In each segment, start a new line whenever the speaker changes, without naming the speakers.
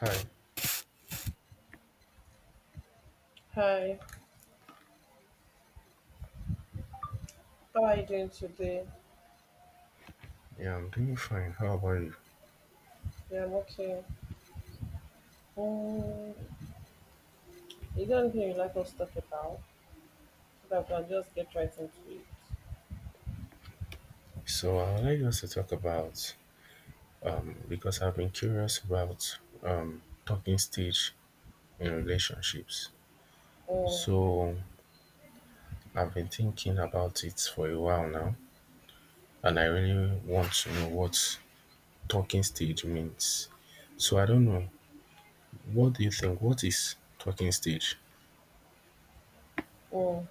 Hi,
Hi, how are you doing today?
yeah, I'm doing fine. How about you?
Yeah, I'm okay. Um, is there anything you'd like us to talk about so that we can just get right into it?
So I would like us to talk about because I've been curious about talking stage in relationships. So I've been thinking about it for a while now, and I really want to know what talking stage means. So I don't know. What do you think? What is talking stage?
Um, um,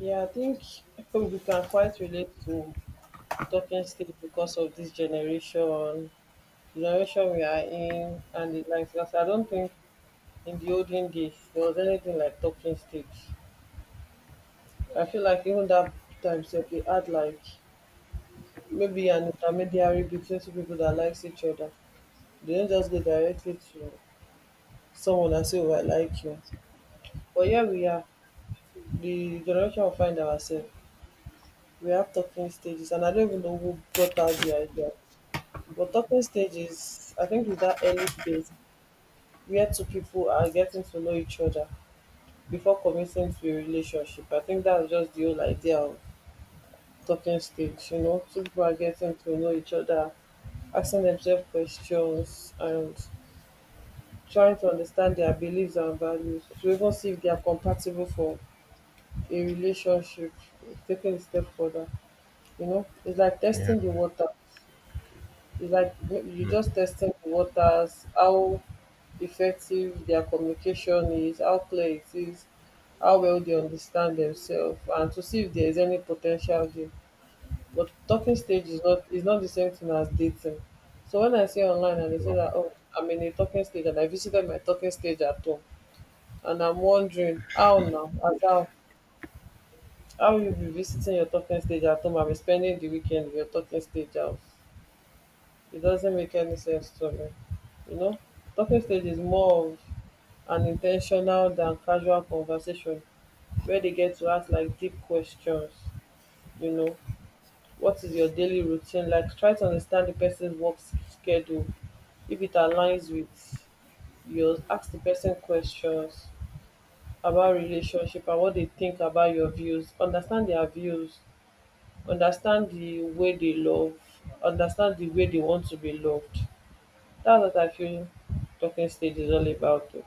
yeah, I think we can quite relate to talking stage because of this generation, the generation we are in, and the likes. Because I don't think in the olden days there was anything like talking stage. I feel like even that time, sef, we had like maybe an intermediary between two people that likes each other. They don't just go directly to someone and say, "Oh, I like you." But here we are, the generation we find ourselves. We have talking stages, and I don't even know who brought out the idea. But talking stages, I think, is that early phase where two people are getting to know each other before committing to a relationship. I think that's just the whole idea of talking stage. Two people are getting to know each other, asking themselves questions, and trying to understand their beliefs and values to even see if they are compatible for a relationship, taking a step further. It's like
Yeah.
testing the waters. It's like you
mm,
just testing the waters, how effective their communication is, how clear it is, how well they understand themselves, and to see if there is any potential there. But talking stage is not the same thing as dating. So when I see online and they say
Well,
that, "Oh, I'm in a talking stage and I visited my talking stage at home," and I'm wondering how now, as how you be visiting your talking stage at home and be spending the weekend in your talking stage house? It doesn't make any sense to me. You know, talking stage is more of an intentional than casual conversation where they get to ask like deep questions. You know, what is your daily routine like? Try to understand the person's schedule. If it aligns with yours, ask the person questions about relationship and what they think about your views. Understand their views, understand the way they love, understand the way they want to be loved. That's what I feel talking stage is all about o.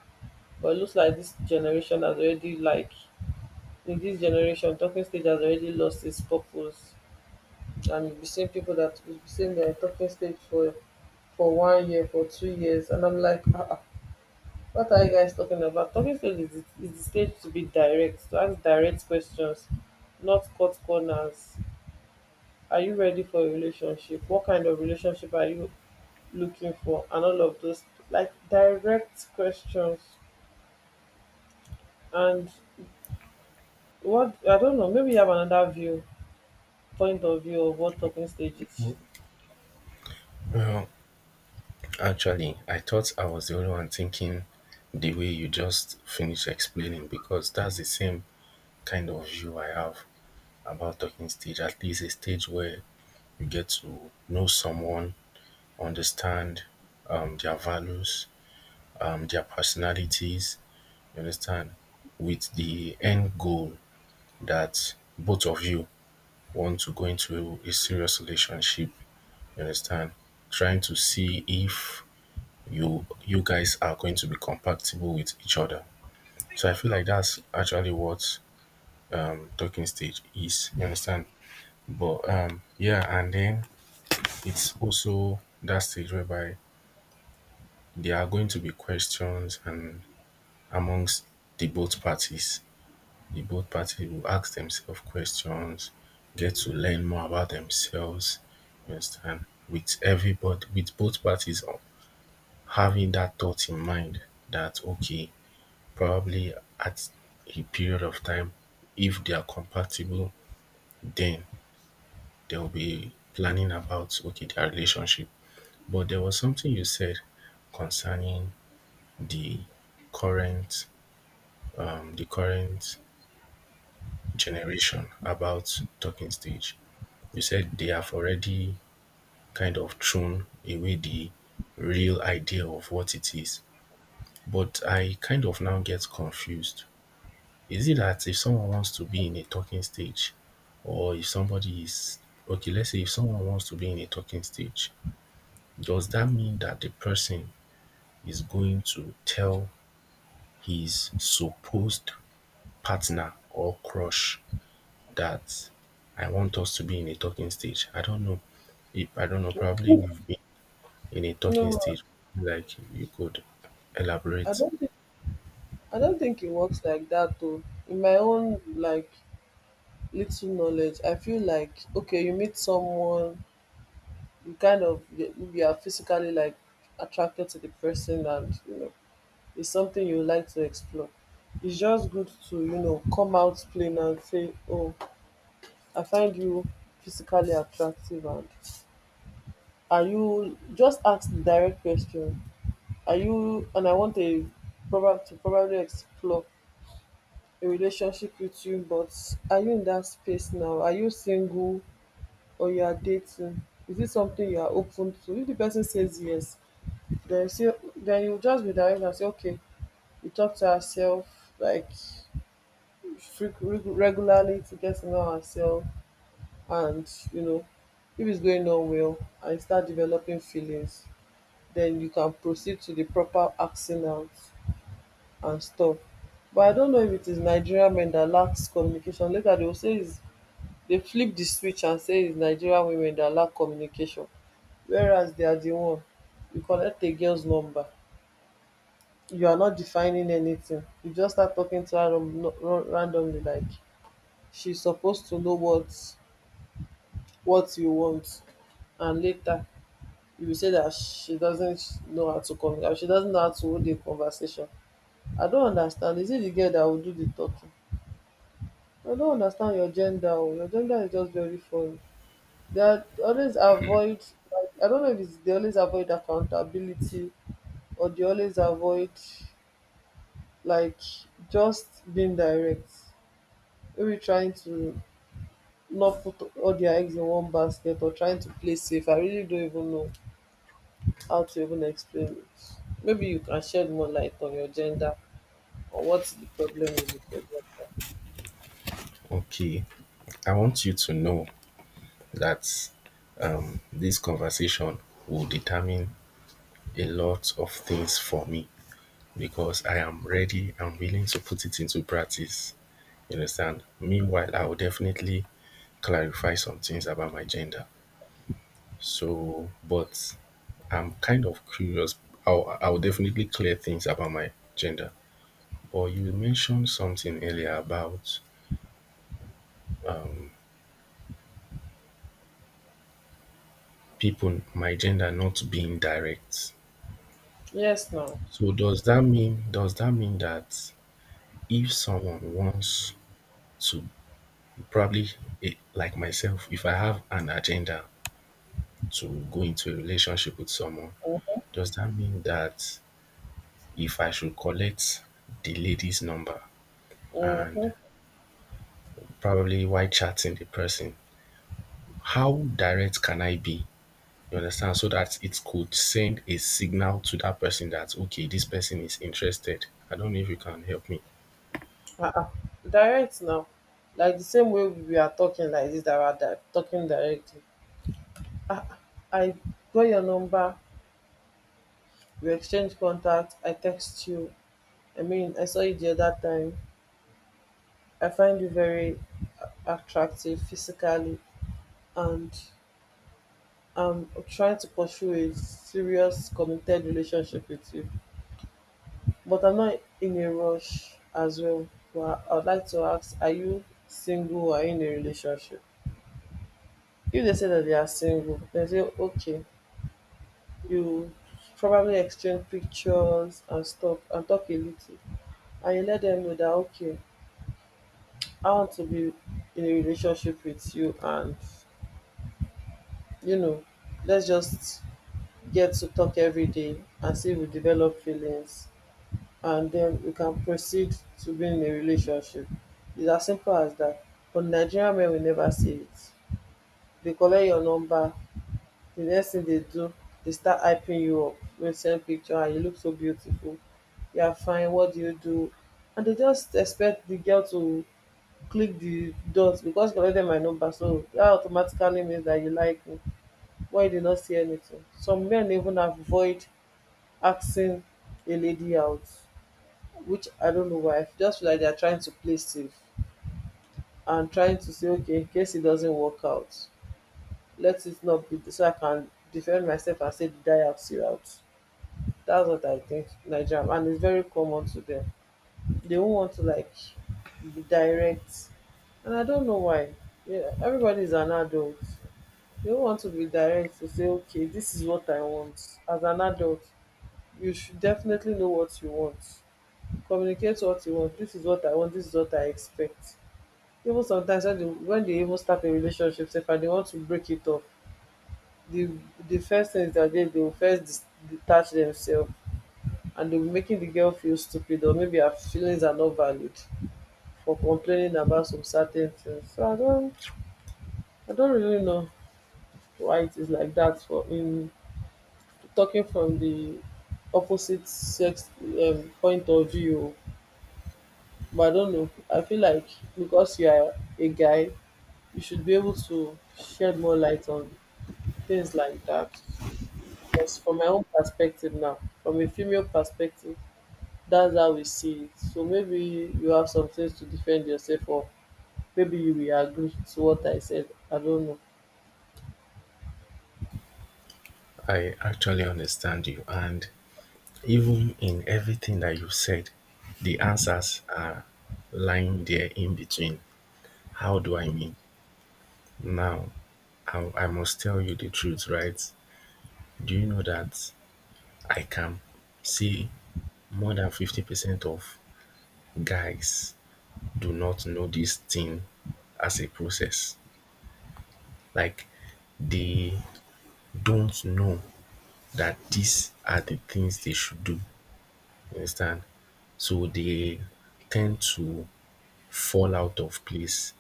But it looks like this generation has already, like, in this generation, talking stage has already lost its purpose. And you be seeing people that you be seeing their talking stage for 1 year, for 2 years, and I'm like, ah ah, what are you guys talking about? Talking stage is the stage to be direct, to ask direct questions, not cut corners. Are you ready for a relationship? What kind of relationship are you looking for? And all of those like direct questions. And what, I don't know, maybe you have another view, point of view, of what talking stage is.
well, Actually, I thought I was the only one thinking the way you just finished explaining because that's the same kind of view I have about talking stage, at least a stage where you get to know someone, understand their values, their personalities, you understand, with the end goal that both of you want to go into a serious relationship, you understand, trying to see if you guys are going to be compatible with each other. So I feel like that's actually what talking stage is. You understand? But yeah, and then it's also that stage whereby there are going to be questions, and amongst the both parties, the both parties will ask themselves questions, get to learn more about themselves. You understand? With everybody, with both parties having that thought in mind that okay, probably at a period of time if they are compatible then they'll be planning about okay their relationship. But there was something you said concerning the current the current generation about talking stage. You said they have already kind of thrown away the real idea of what it is, but I kind of now get confused. Is it that if someone wants to be in a talking stage or if somebody is okay, let's say if someone wants to be in a talking stage, does that mean that the person is going to tell his supposed partner or crush that I want us to be in a talking stage? I don't know. If I don't know, probably you've been in a talking
No,
stage, like you could
I
elaborate.
don't think I don't think it works like that though. In my own like little knowledge, I feel like okay, you meet someone, you kind of, you are physically like attracted to the person, and you know is something you like to explore. It's just good to, come out plain and say, "Oh, I find you physically attractive, and are you," just ask the direct question. Are you, and I want a, probably explore a relationship with you, but are you in that space now? Are you single or you are dating? Is it something you are open to? If the person says yes, then you say then you just be direct and say, okay, you talk to herself like regularly to get to know ourselves. And you know, if it's going on well and you start developing feelings, then you can proceed to the proper acting out and stuff. But I don't know if it is Nigerian men that lacks communication. Later they will say it's, they flip the switch and say it's Nigerian women that lack communication, whereas they are the one. You collect a girl's number, you are not defining anything, you just start talking to her randomly, like she's supposed to know what you want. And later you will say that she doesn't know how to communicate, she doesn't know how to hold a conversation. I don't understand, is it the girl that will do the talking? I don't understand your gender o, your gender is just very funny. They always avoid, like, I don't know if it's they always avoid accountability, or they always avoid, like, just being direct, maybe trying to not put all their eggs in one basket, or trying to play safe. I really don't even know how to even explain it. Maybe you can shed more light on your gender, or what the problem is with your gender.
Okay. I want you to know that this conversation will determine a lot of things for me because I am ready and willing to put it into practice. You understand? Meanwhile, I will definitely clarify some things about my gender. So, but I'm kind of curious. I'll definitely clear things about my gender. But you mentioned something earlier about people, my gender not being direct.
Yes, now.
So does that mean that if someone wants to probably like myself, if I have an agenda to go into a relationship with someone, does that mean that if I should collect the lady's number
Mm-hmm.
and probably while chatting the person, how direct can I be? You understand? So that it could send a signal to that person that, okay, this person is interested. I don't know if you can help me.
Uh-uh. Direct now. Like the same way we are talking like this, that we are talking directly. Ah, I got your number, we exchange contact, I text you. I mean, I saw you the other time. I find you very attractive physically, and I'm trying to pursue a serious committed relationship with you. But I'm not in a rush as well, but I would like to ask, are you single or are you in a relationship? If they say that they are single, they say okay, you probably exchange pictures and stuff and talk a little, and you let them know that okay, I want to be in a relationship with you, and, you know, let's just get to talk every day and see if we develop feelings, and then we can proceed to being in a relationship. It's as simple as that. But Nigerian men will never see it. They collect your number. The next thing they do, they start hyping you up. They send picture, and you look so beautiful, you are fine, what do you do? And they just expect the girl to click the dots because you collected my number, so that automatically means that you like me. Why you did not see anything? Some men even avoid asking a lady out, which I don't know why. I just feel like they're trying to play safe and trying to say, okay, in case it doesn't work out, let it not be so I can defend myself and say the die out see out. That's what I think, Nigerian, and it's very common to them. They won't want to like be direct, and I don't know why. Yeah, everybody is an adult. They don't want to be direct to say, okay, this is what I want. As an adult, you should definitely know what you want. Communicate what you want. This is what I want. This is what I expect. Even sometimes when they even start a relationship sef and they want to break it off, the the first thing is that they will first dis detach themselves, and they will be making the girl feel stupid, or maybe her feelings are not valid for complaining about some certain things. So I don't really know why it is like that for, in talking from the opposite sex, point of view. But I don't know, I feel like because you are a guy, you should be able to shed more light on things like that. Because from my own perspective now, from a female perspective, that's how we see it. So maybe you have some things to defend yourself, or maybe you will agree to what I said. I don't know.
I actually understand you. And even in everything that you said, the answers are lying there in between. How do I mean? Now, I must tell you the truth, right? Do you know that I can see more than 50% of guys do not know this thing as a process? Like, they don't know that these are the things they should do. You understand? So they tend to fall out of place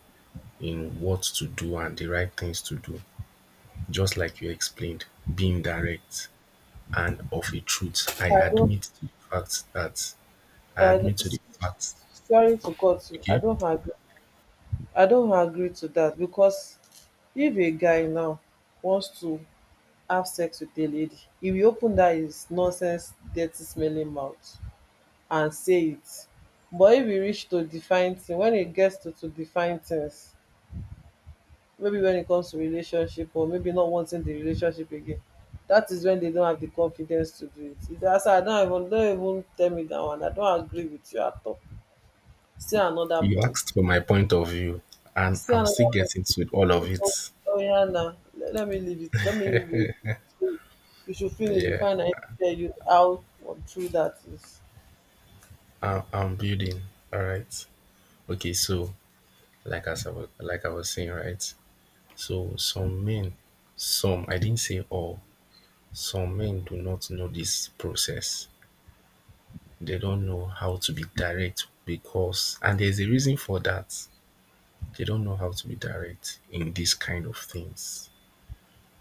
in what to do and the right things to do. Just like you explained, being direct and of a truth. I
I don't.
admit to the fact that I
I don't-
admit to the
s- s-
fact.
Sorry to cut you. I
Okay.
don't agree. I don't agree to that, because if a guy now wants to have sex with a lady, he will open that his nonsense, dirty smelling mouth and say it. But if we reach to define thing, when it gets to define things, maybe when it comes to relationship, or maybe not wanting the relationship again, that is when they don't have the confidence to do it. If they ask, I don't even tell me that one, I don't agree with you at all. See another
You
point.
asked for my point of view, and
See
I'm
another
still
point.
getting to all of
Oh,
it.
oh yeah, na let me leave it, let me wait. So you should finish
Yeah,
before I tell you how or true that is.
I'm building. All right. Okay. So, like I was, like I was saying, right. So some men, some I didn't say all. Some men do not know this process. They don't know how to be direct because and there's a reason for that. They don't know how to be direct in these kind of things,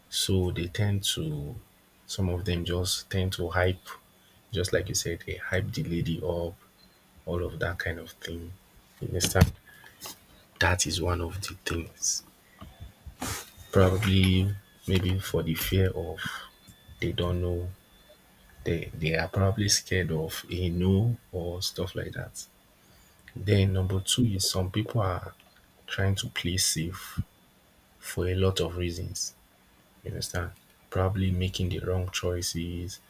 so they tend to, some of them just tend to hype, just like you said, they hype the lady up, all of that kind of thing, you understand. That is one of the things, probably maybe for the fear of, they don't know, they are probably scared of a no or stuff like that. Then number two is some people are trying to play safe for a lot of reasons. You understand? Probably making the wrong choices,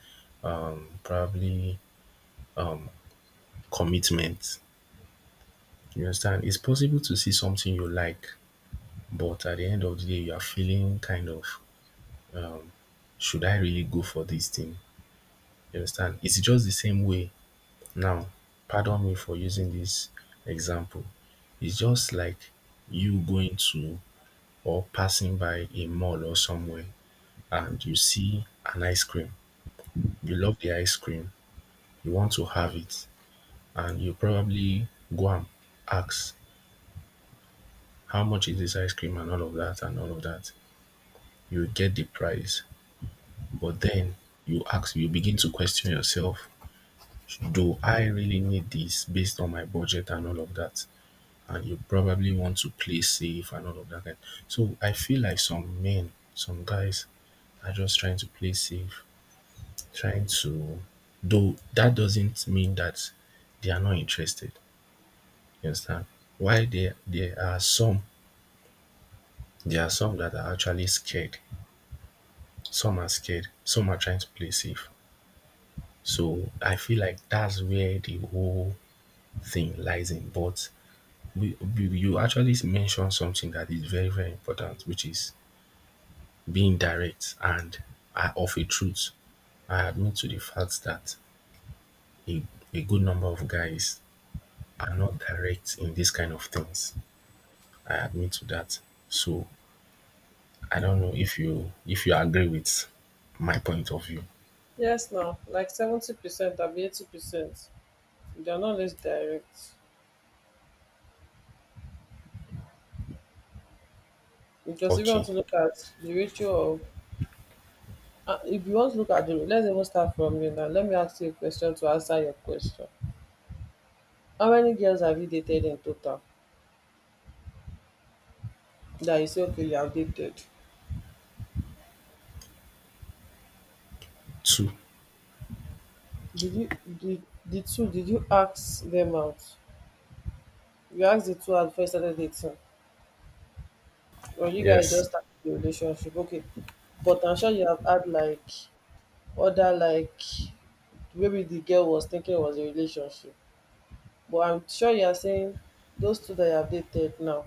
probably commitment. You understand? It's possible to see something you like, but at the end of the day, you are feeling kind of, should I really go for this thing? You understand? It's just the same way. Now, pardon me for using this example. It's just like you going to or passing by a mall or somewhere and you see an ice cream, you love the ice cream, you want to have it, and you probably go and ask how much is this ice cream and all of that and all of that. You get the price, but then you ask, you begin to question yourself, do I really need this based on my budget and all of that? And you probably want to play safe and all of that kind. So I feel like some men, some guys are just trying to play safe, trying to, though that doesn't mean that they are not interested. You understand? Why there are some that are actually scared. Some are scared. Some are trying to play safe. So I feel like that's where the whole thing lies in. But you actually mentioned something that is very very important, which is being direct and of a truth. I admit to the fact that a, a good number of guys are not direct in this kind of things. I admit to that. So I don't know if you agree with my point of view.
Yes now, like 70%, abi 80%. They are not less direct. Because if you want
Okay,
to look at the ratio of, if you want to look at the, let's even start from you now. Let me ask you a question to answer your question. How many girls have you dated in total? That you say, okay, you have dated.
two.
Did you, the two, did you ask them out? You asked the two at first started dating, or you guys
Yes,
just started the relationship? Okay. But I'm sure you have had other maybe the girl was thinking it was a relationship, but I'm sure you are saying those two that you have dated now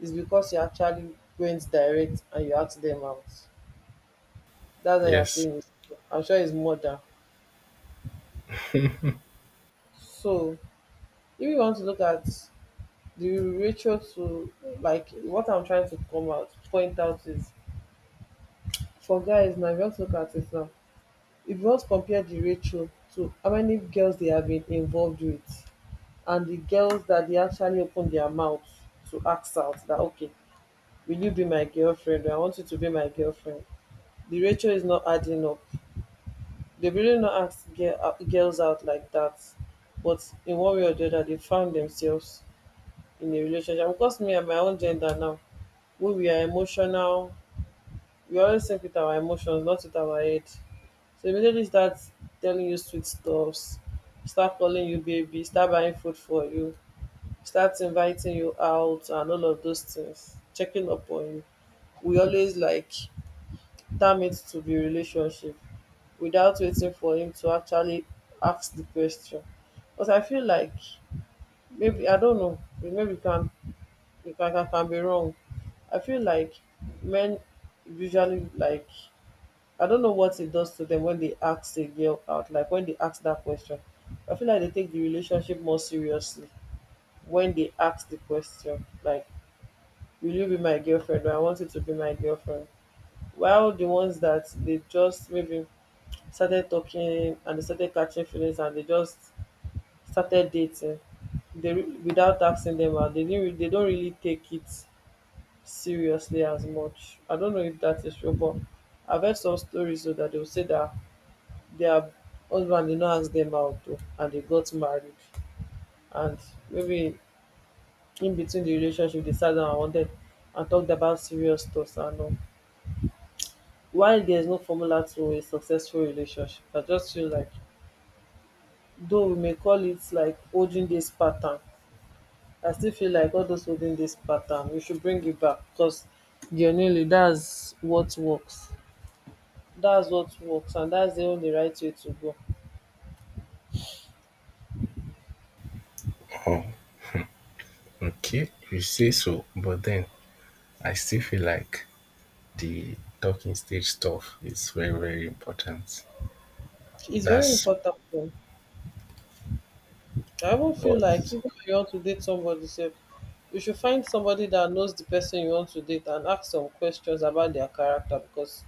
is because you actually went direct and you asked them out. That's what you're
yes.
saying. I'm sure it's more than. So if you want to look at the ratio to, like, what I'm trying to come out point out is, for guys now, if you want to look at it now, if you want to compare the ratio to how many girls they have been involved with and the girls that they actually open their mouth to ask out, that, okay, will you be my girlfriend? I want you to be my girlfriend. The ratio is not adding up. They really not ask girls out like that. But in one way or the other, they found themselves in a relationship. And because me and my own gender now, when we are emotional, we always think with our emotions, not with our head. So immediately start telling you sweet stuffs, start calling you baby, start buying food for you, start inviting you out and all of those things, checking up on you, we always like damage to the relationship without waiting for him to actually ask the question. But I feel like maybe, I don't know, maybe you can, I can be wrong. I feel like men usually, like, I don't know what it does to them when they ask a girl out, like when they ask that question, I feel like they take the relationship more seriously when they ask the question, like, will you be my girlfriend or I want you to be my girlfriend. While the ones that they just maybe started talking and they started catching feelings and they just started dating, they without asking them out, they didn't they don't really take it seriously as much. I don't know if that is true, but I've heard some stories so that they'll say that their husband did not ask them out too, and they got married. And maybe in between the relationship they sat down and wanted and talked about serious stuff and all. Why there's no formula to a successful relationship, I just feel like, though we may call it like holding this pattern, I still feel like all those holding this pattern, we should bring it back because genuinely that's what works. That's what works, and that's the only right way to go.
Oh, okay. You say so, but then I still feel like the talking stage stuff is very very important.
It's very
That's
important though. I even feel
but
like even if you want to date somebody sef, you should find somebody that knows the person you want to date and ask some questions about their character, because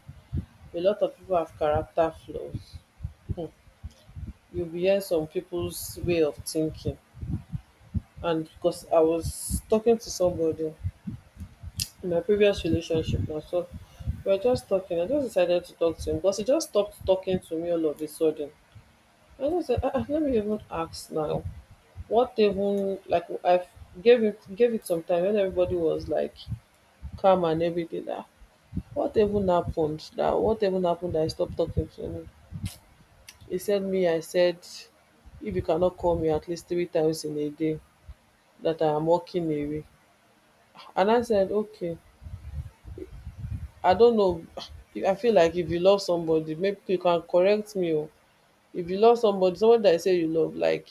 a lot of people have character flaws. Hmm. You'll be hearing some people's way of thinking. And because I was talking to somebody in my previous relationship now, so we were just talking. I just decided to talk to him because he just stopped talking to me all of a sudden. I just said, ah, ah, let me even ask now. What even, like, I gave it some time when everybody was like calm and everything. That what even happened? That what even happened? That I stopped talking to him. He said me. I said, if you cannot call me at least three times in a day, that I am walking away. And I said, okay. I don't know. I feel like if you love somebody, maybe you can correct me. Oh, if you love somebody, someone that I say you love, like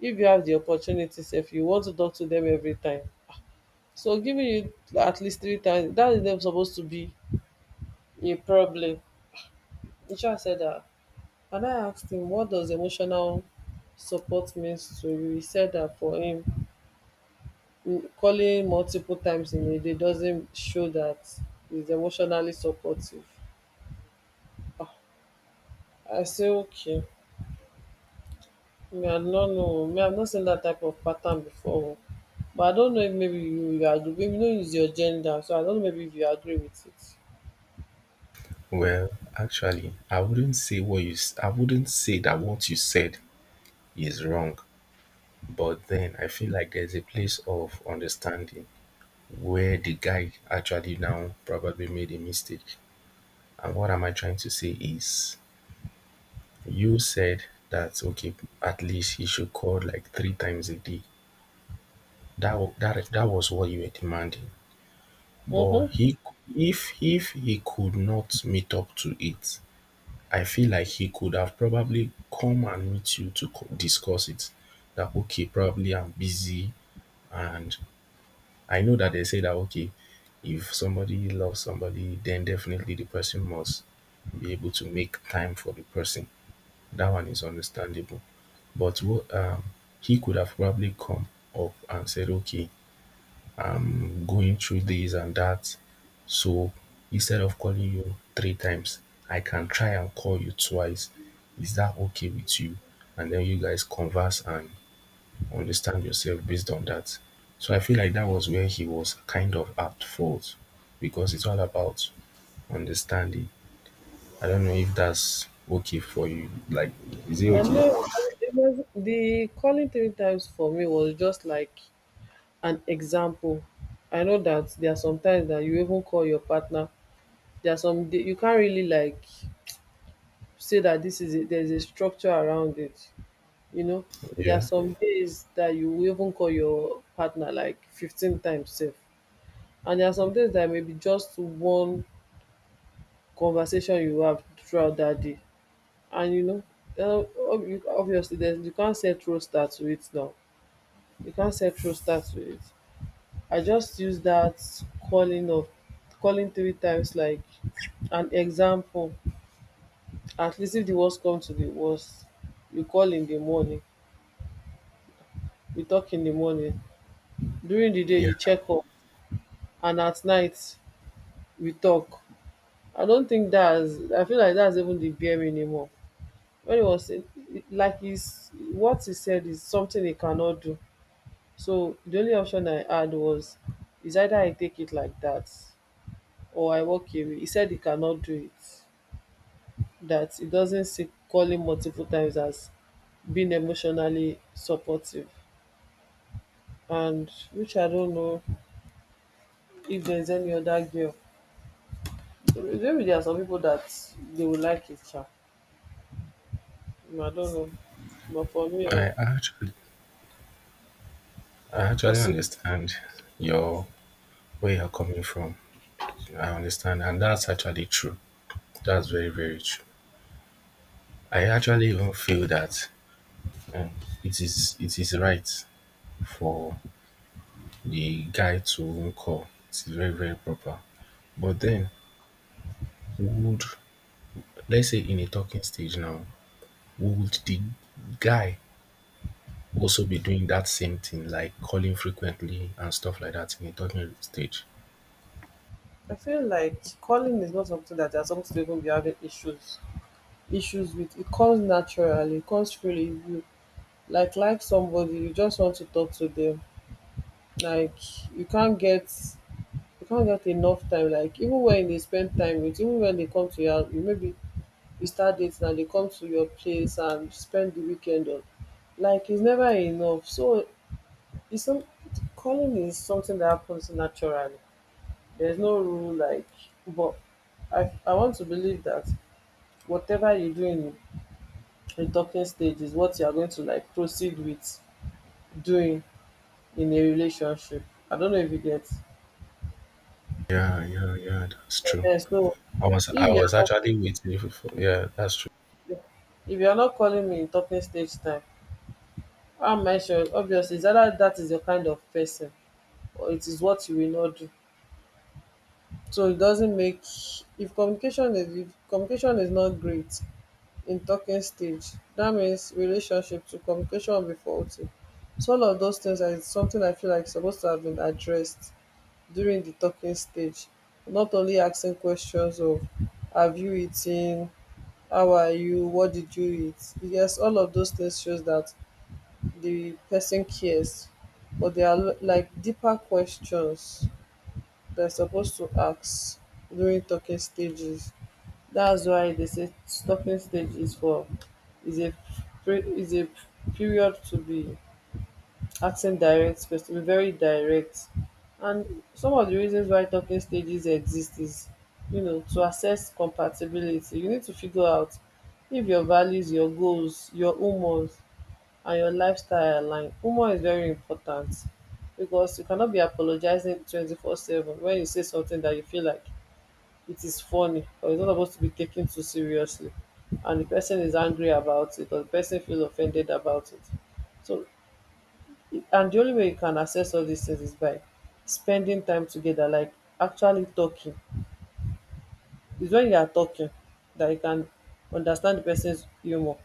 if you have the opportunities, if you want to talk to them every time, so giving you at least three times, that is them supposed to be a problem. Isha said that, and I asked him, what does emotional support means to you? He said that for him, calling multiple times in a day doesn't show that he's emotionally supportive. Ah, I say okay. Me, I don't know. Me, I've not seen that type of pattern before. Oh. But I don't know if maybe you agree. Maybe you don't use your gender, so I don't know maybe if you agree with it.
well, actually, I wouldn't say that what you said is wrong. But then I feel like there's a place of understanding where the guy actually now probably made a mistake. And what am I trying to say is, you said that okay, at least he should call like three times a day. That that was what you were demanding. But
Mm-hmm.
he, if he could not meet up to it, I feel like he could have probably come and meet you to discuss it. That okay, probably I'm busy, and I know that they say that okay, if somebody loves somebody, then definitely the person must be able to make time for the person. That one is understandable. But what he could have probably come up and said, okay, I'm going through this and that. So instead of calling you three times, I can try and call you twice. Is that okay with you? And then you guys converse and understand yourself based on that. So I feel like that was where he was kind of at fault because it's all about understanding. I don't know if that's okay for you. Like, is it
I know
okay?
it was, the calling three times for me was just like an example. I know that there are some times that you even call your partner. There are some you can't really like say that this is it. There's a structure around it. You know, there are
Yeah.
some days that you will even call your partner like 15 times safe. And there are some things that may be just one conversation you have throughout that day. And you know, obviously, there's, you can't set roster to it now. You can't set roster to it. I just use that calling of calling three times like an example. At least if the worst come to the worst, you call in the morning, we talk in the morning. During the day,
Yeah.
you check up, and at night, we talk. I don't think that's. I feel like that's even the bare minimum. When he was saying, like, he's what he said is something he cannot do. So the only option I had was, is either I take it like that or I walk away. He said he cannot do it. That he doesn't see calling multiple times as being emotionally supportive. And which I don't know if there's any other girl. Maybe there are some people that they will like it. Sha. I don't know. But for me, oh,
I actually, I actually
possible.
understand your where you're coming from. I understand, and that's actually true. That's very, very true. I actually even feel that um, it is right for the guy to even call. It's very, very proper. But then, would, let's say in a talking stage now, would the guy also be doing that same thing, like calling frequently and stuff like that in a talking stage?
I feel like calling is not something that you're supposed to even be having issues with. It comes naturally, it comes freely. If you like somebody, you just want to talk to them. Like you can't get you can't get enough time. Like even when they spend time with, even when they come to your house, you maybe you start dating and they come to your place and spend the weekend on. Like it's never enough. So it's some calling is something that happens naturally. There's no rule like, but I want to believe that whatever you do in a talking stage is what you are going to like proceed with doing in a relationship. I don't know if you get.
Yeah, yeah, yeah. That's true.
Eh, so
I
if you
was
are not
actually waiting for yeah, that's true.
if you are not calling me in talking stage time, how am I sure? Obviously, it's either that is your kind of person or it is what you will not do. So it doesn't make, if communication is not great in talking stage, that means relationship to communication will be faulty. So all of those things are something I feel like supposed to have been addressed during the talking stage, not only asking questions of, have you eaten, how are you, what did you eat, yes, all of those things shows that the person cares. But they are like deeper questions they're supposed to ask during talking stages. That's why they say talking stage is for is a is a period to be asking direct questions, very direct. And some of the reasons why talking stages exist is, you know, to assess compatibility. You need to figure out if your values, your goals, your humors, and your lifestyle align. Humor is very important because you cannot be apologizing 24/7 when you say something that you feel like it is funny or it's not supposed to be taken too seriously, and the person is angry about it or the person feels offended about it. So and the only way you can access all these things is by spending time together, like actually talking. It's when you are talking that you can understand the person's humor,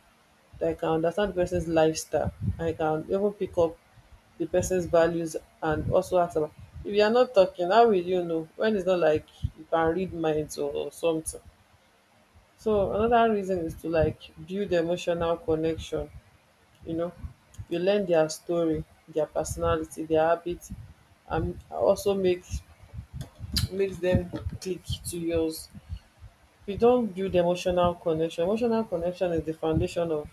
that you can understand the person's lifestyle, and you can even pick up the person's values, and also ask about. If you are not talking, how will you know? When it's not like You can read minds or something. So another reason is to, like, build emotional connection, you know. You learn their story, their personality, their habit, and also make makes them click to yours. You not build emotional connection. Emotional connection is the foundation of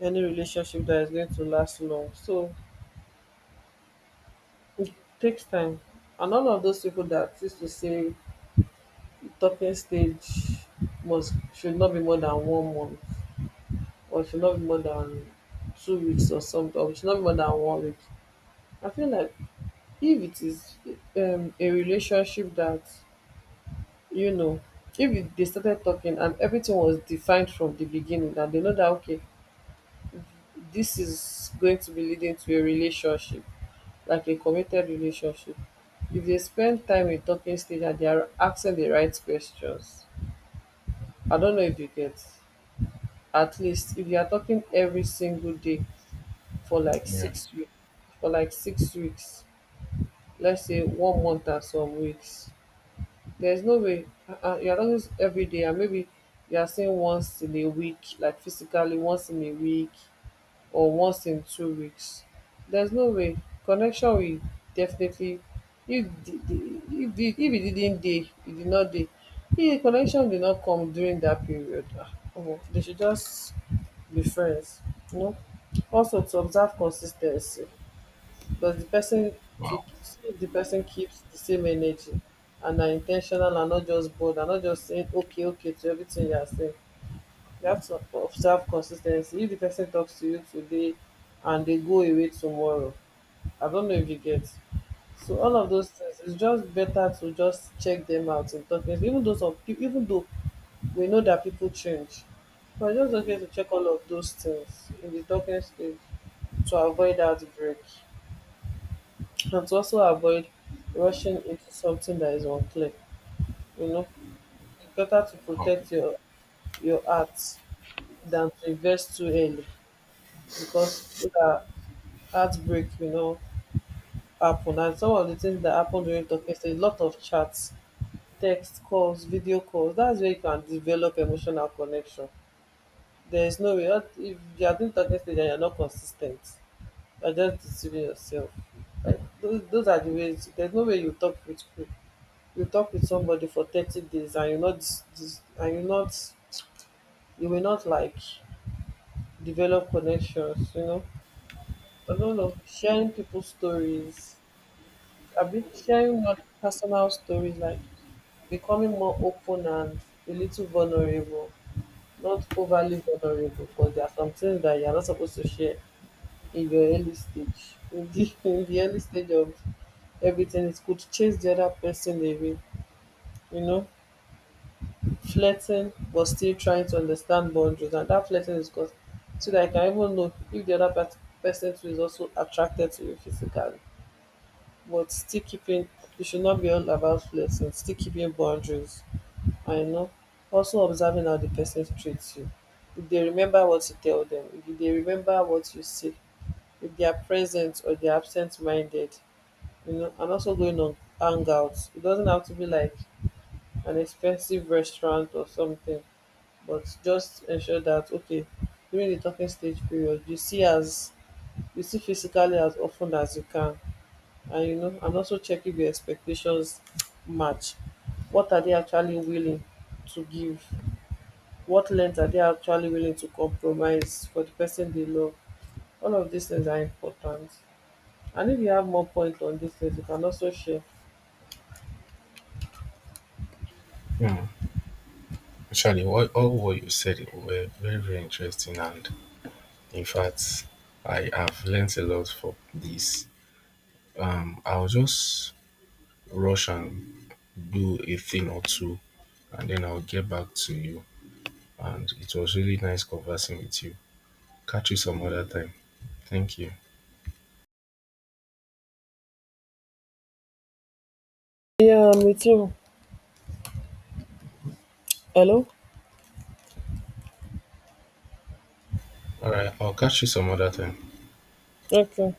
any relationship that is going to last long. So it takes time. And all of those people that used to say talking stage must should not be more than one month, or should not be more than 2 weeks or something, or should not be more than one week. I feel like if it is a relationship that, you know, if it, they started talking and everything was defined from the beginning, and they know that, okay, this is going to be leading to a relationship, like a committed relationship. If they spend time in talking stage and they are asking the right questions, I don't know if you get. At least if you are talking every single day for like
Yeah.
6 weeks, for like 6 weeks, let's say one month and some weeks. There's no way. You're not just every day, and maybe you're saying once in a week, like physically once in a week or once in 2 weeks. There's no way. Connection will definitely, if the, the, if it didn't day, it did not day. If the connection did not come during that period, ah, omo, they should just be friends. You know. Also, to observe consistency, does the person, to
Wow.
see if di person keeps the same energy and are intentional and not just bored and not just saying okay okay to everything you are saying. You have to observe consistency. If the person talks to you today and they go away tomorrow, I don't know if you get. So all of those things, it's just better to just check them out in talking, even though some people, even though we know that people change, but it's just okay to check all of those things in the talking stage, to avoid outbreak. And to also avoid rushing into something that is unclear, you know. It's better to
Wow.
protect your art than to invest too early, because if that heartbreak, you know, happen. And some of the things that happen during talking stage: a lot of chats, text calls, video calls. That's where you can develop emotional connection. There is no way out- if you are doing talking stage and you're not consistent, you're just deceiving yourself. Like those are the ways. There's no way you talk with somebody for 30 days and you not, you will not, like, develop connections, you know. I don't know, sharing people's stories a bit, sharing not personal stories, like becoming more open and a little vulnerable. Not overly vulnerable, because there are some things that you are not supposed to share in your early stage, in the in the early stage of everything. It could chase the other person away, you know. Flirting, but still trying to understand boundaries. And that flirting is because so that I can even know if the other person too is also attracted to you physically. But still keeping, it should not be all about flirting, still keeping boundaries. I know. Also observing how the person treats you. If they remember what you tell them, if they remember what you say, if they are present or they are absent minded, you know. And also going on hangouts. It doesn't have to be like an expensive restaurant or something, but just ensure that okay, during the talking stage period you see as you see physically as often as you can. And, you know, and also check if your expectations match. What are they actually willing to give? What length are they actually willing to compromise for the person they love? All of these things are important. And if you have more points on these things, you can also share.
Hmm. Actually, what, all what you said were very very interesting, and in fact, I have learnt a lot from this. I'll just rush and do a thing or two, and then I'll get back to you. And it was really nice conversing with you. Catch you some other time. Thank you.
Yeah, me too. Hello.
All right, I'll catch you some other time.
Okay.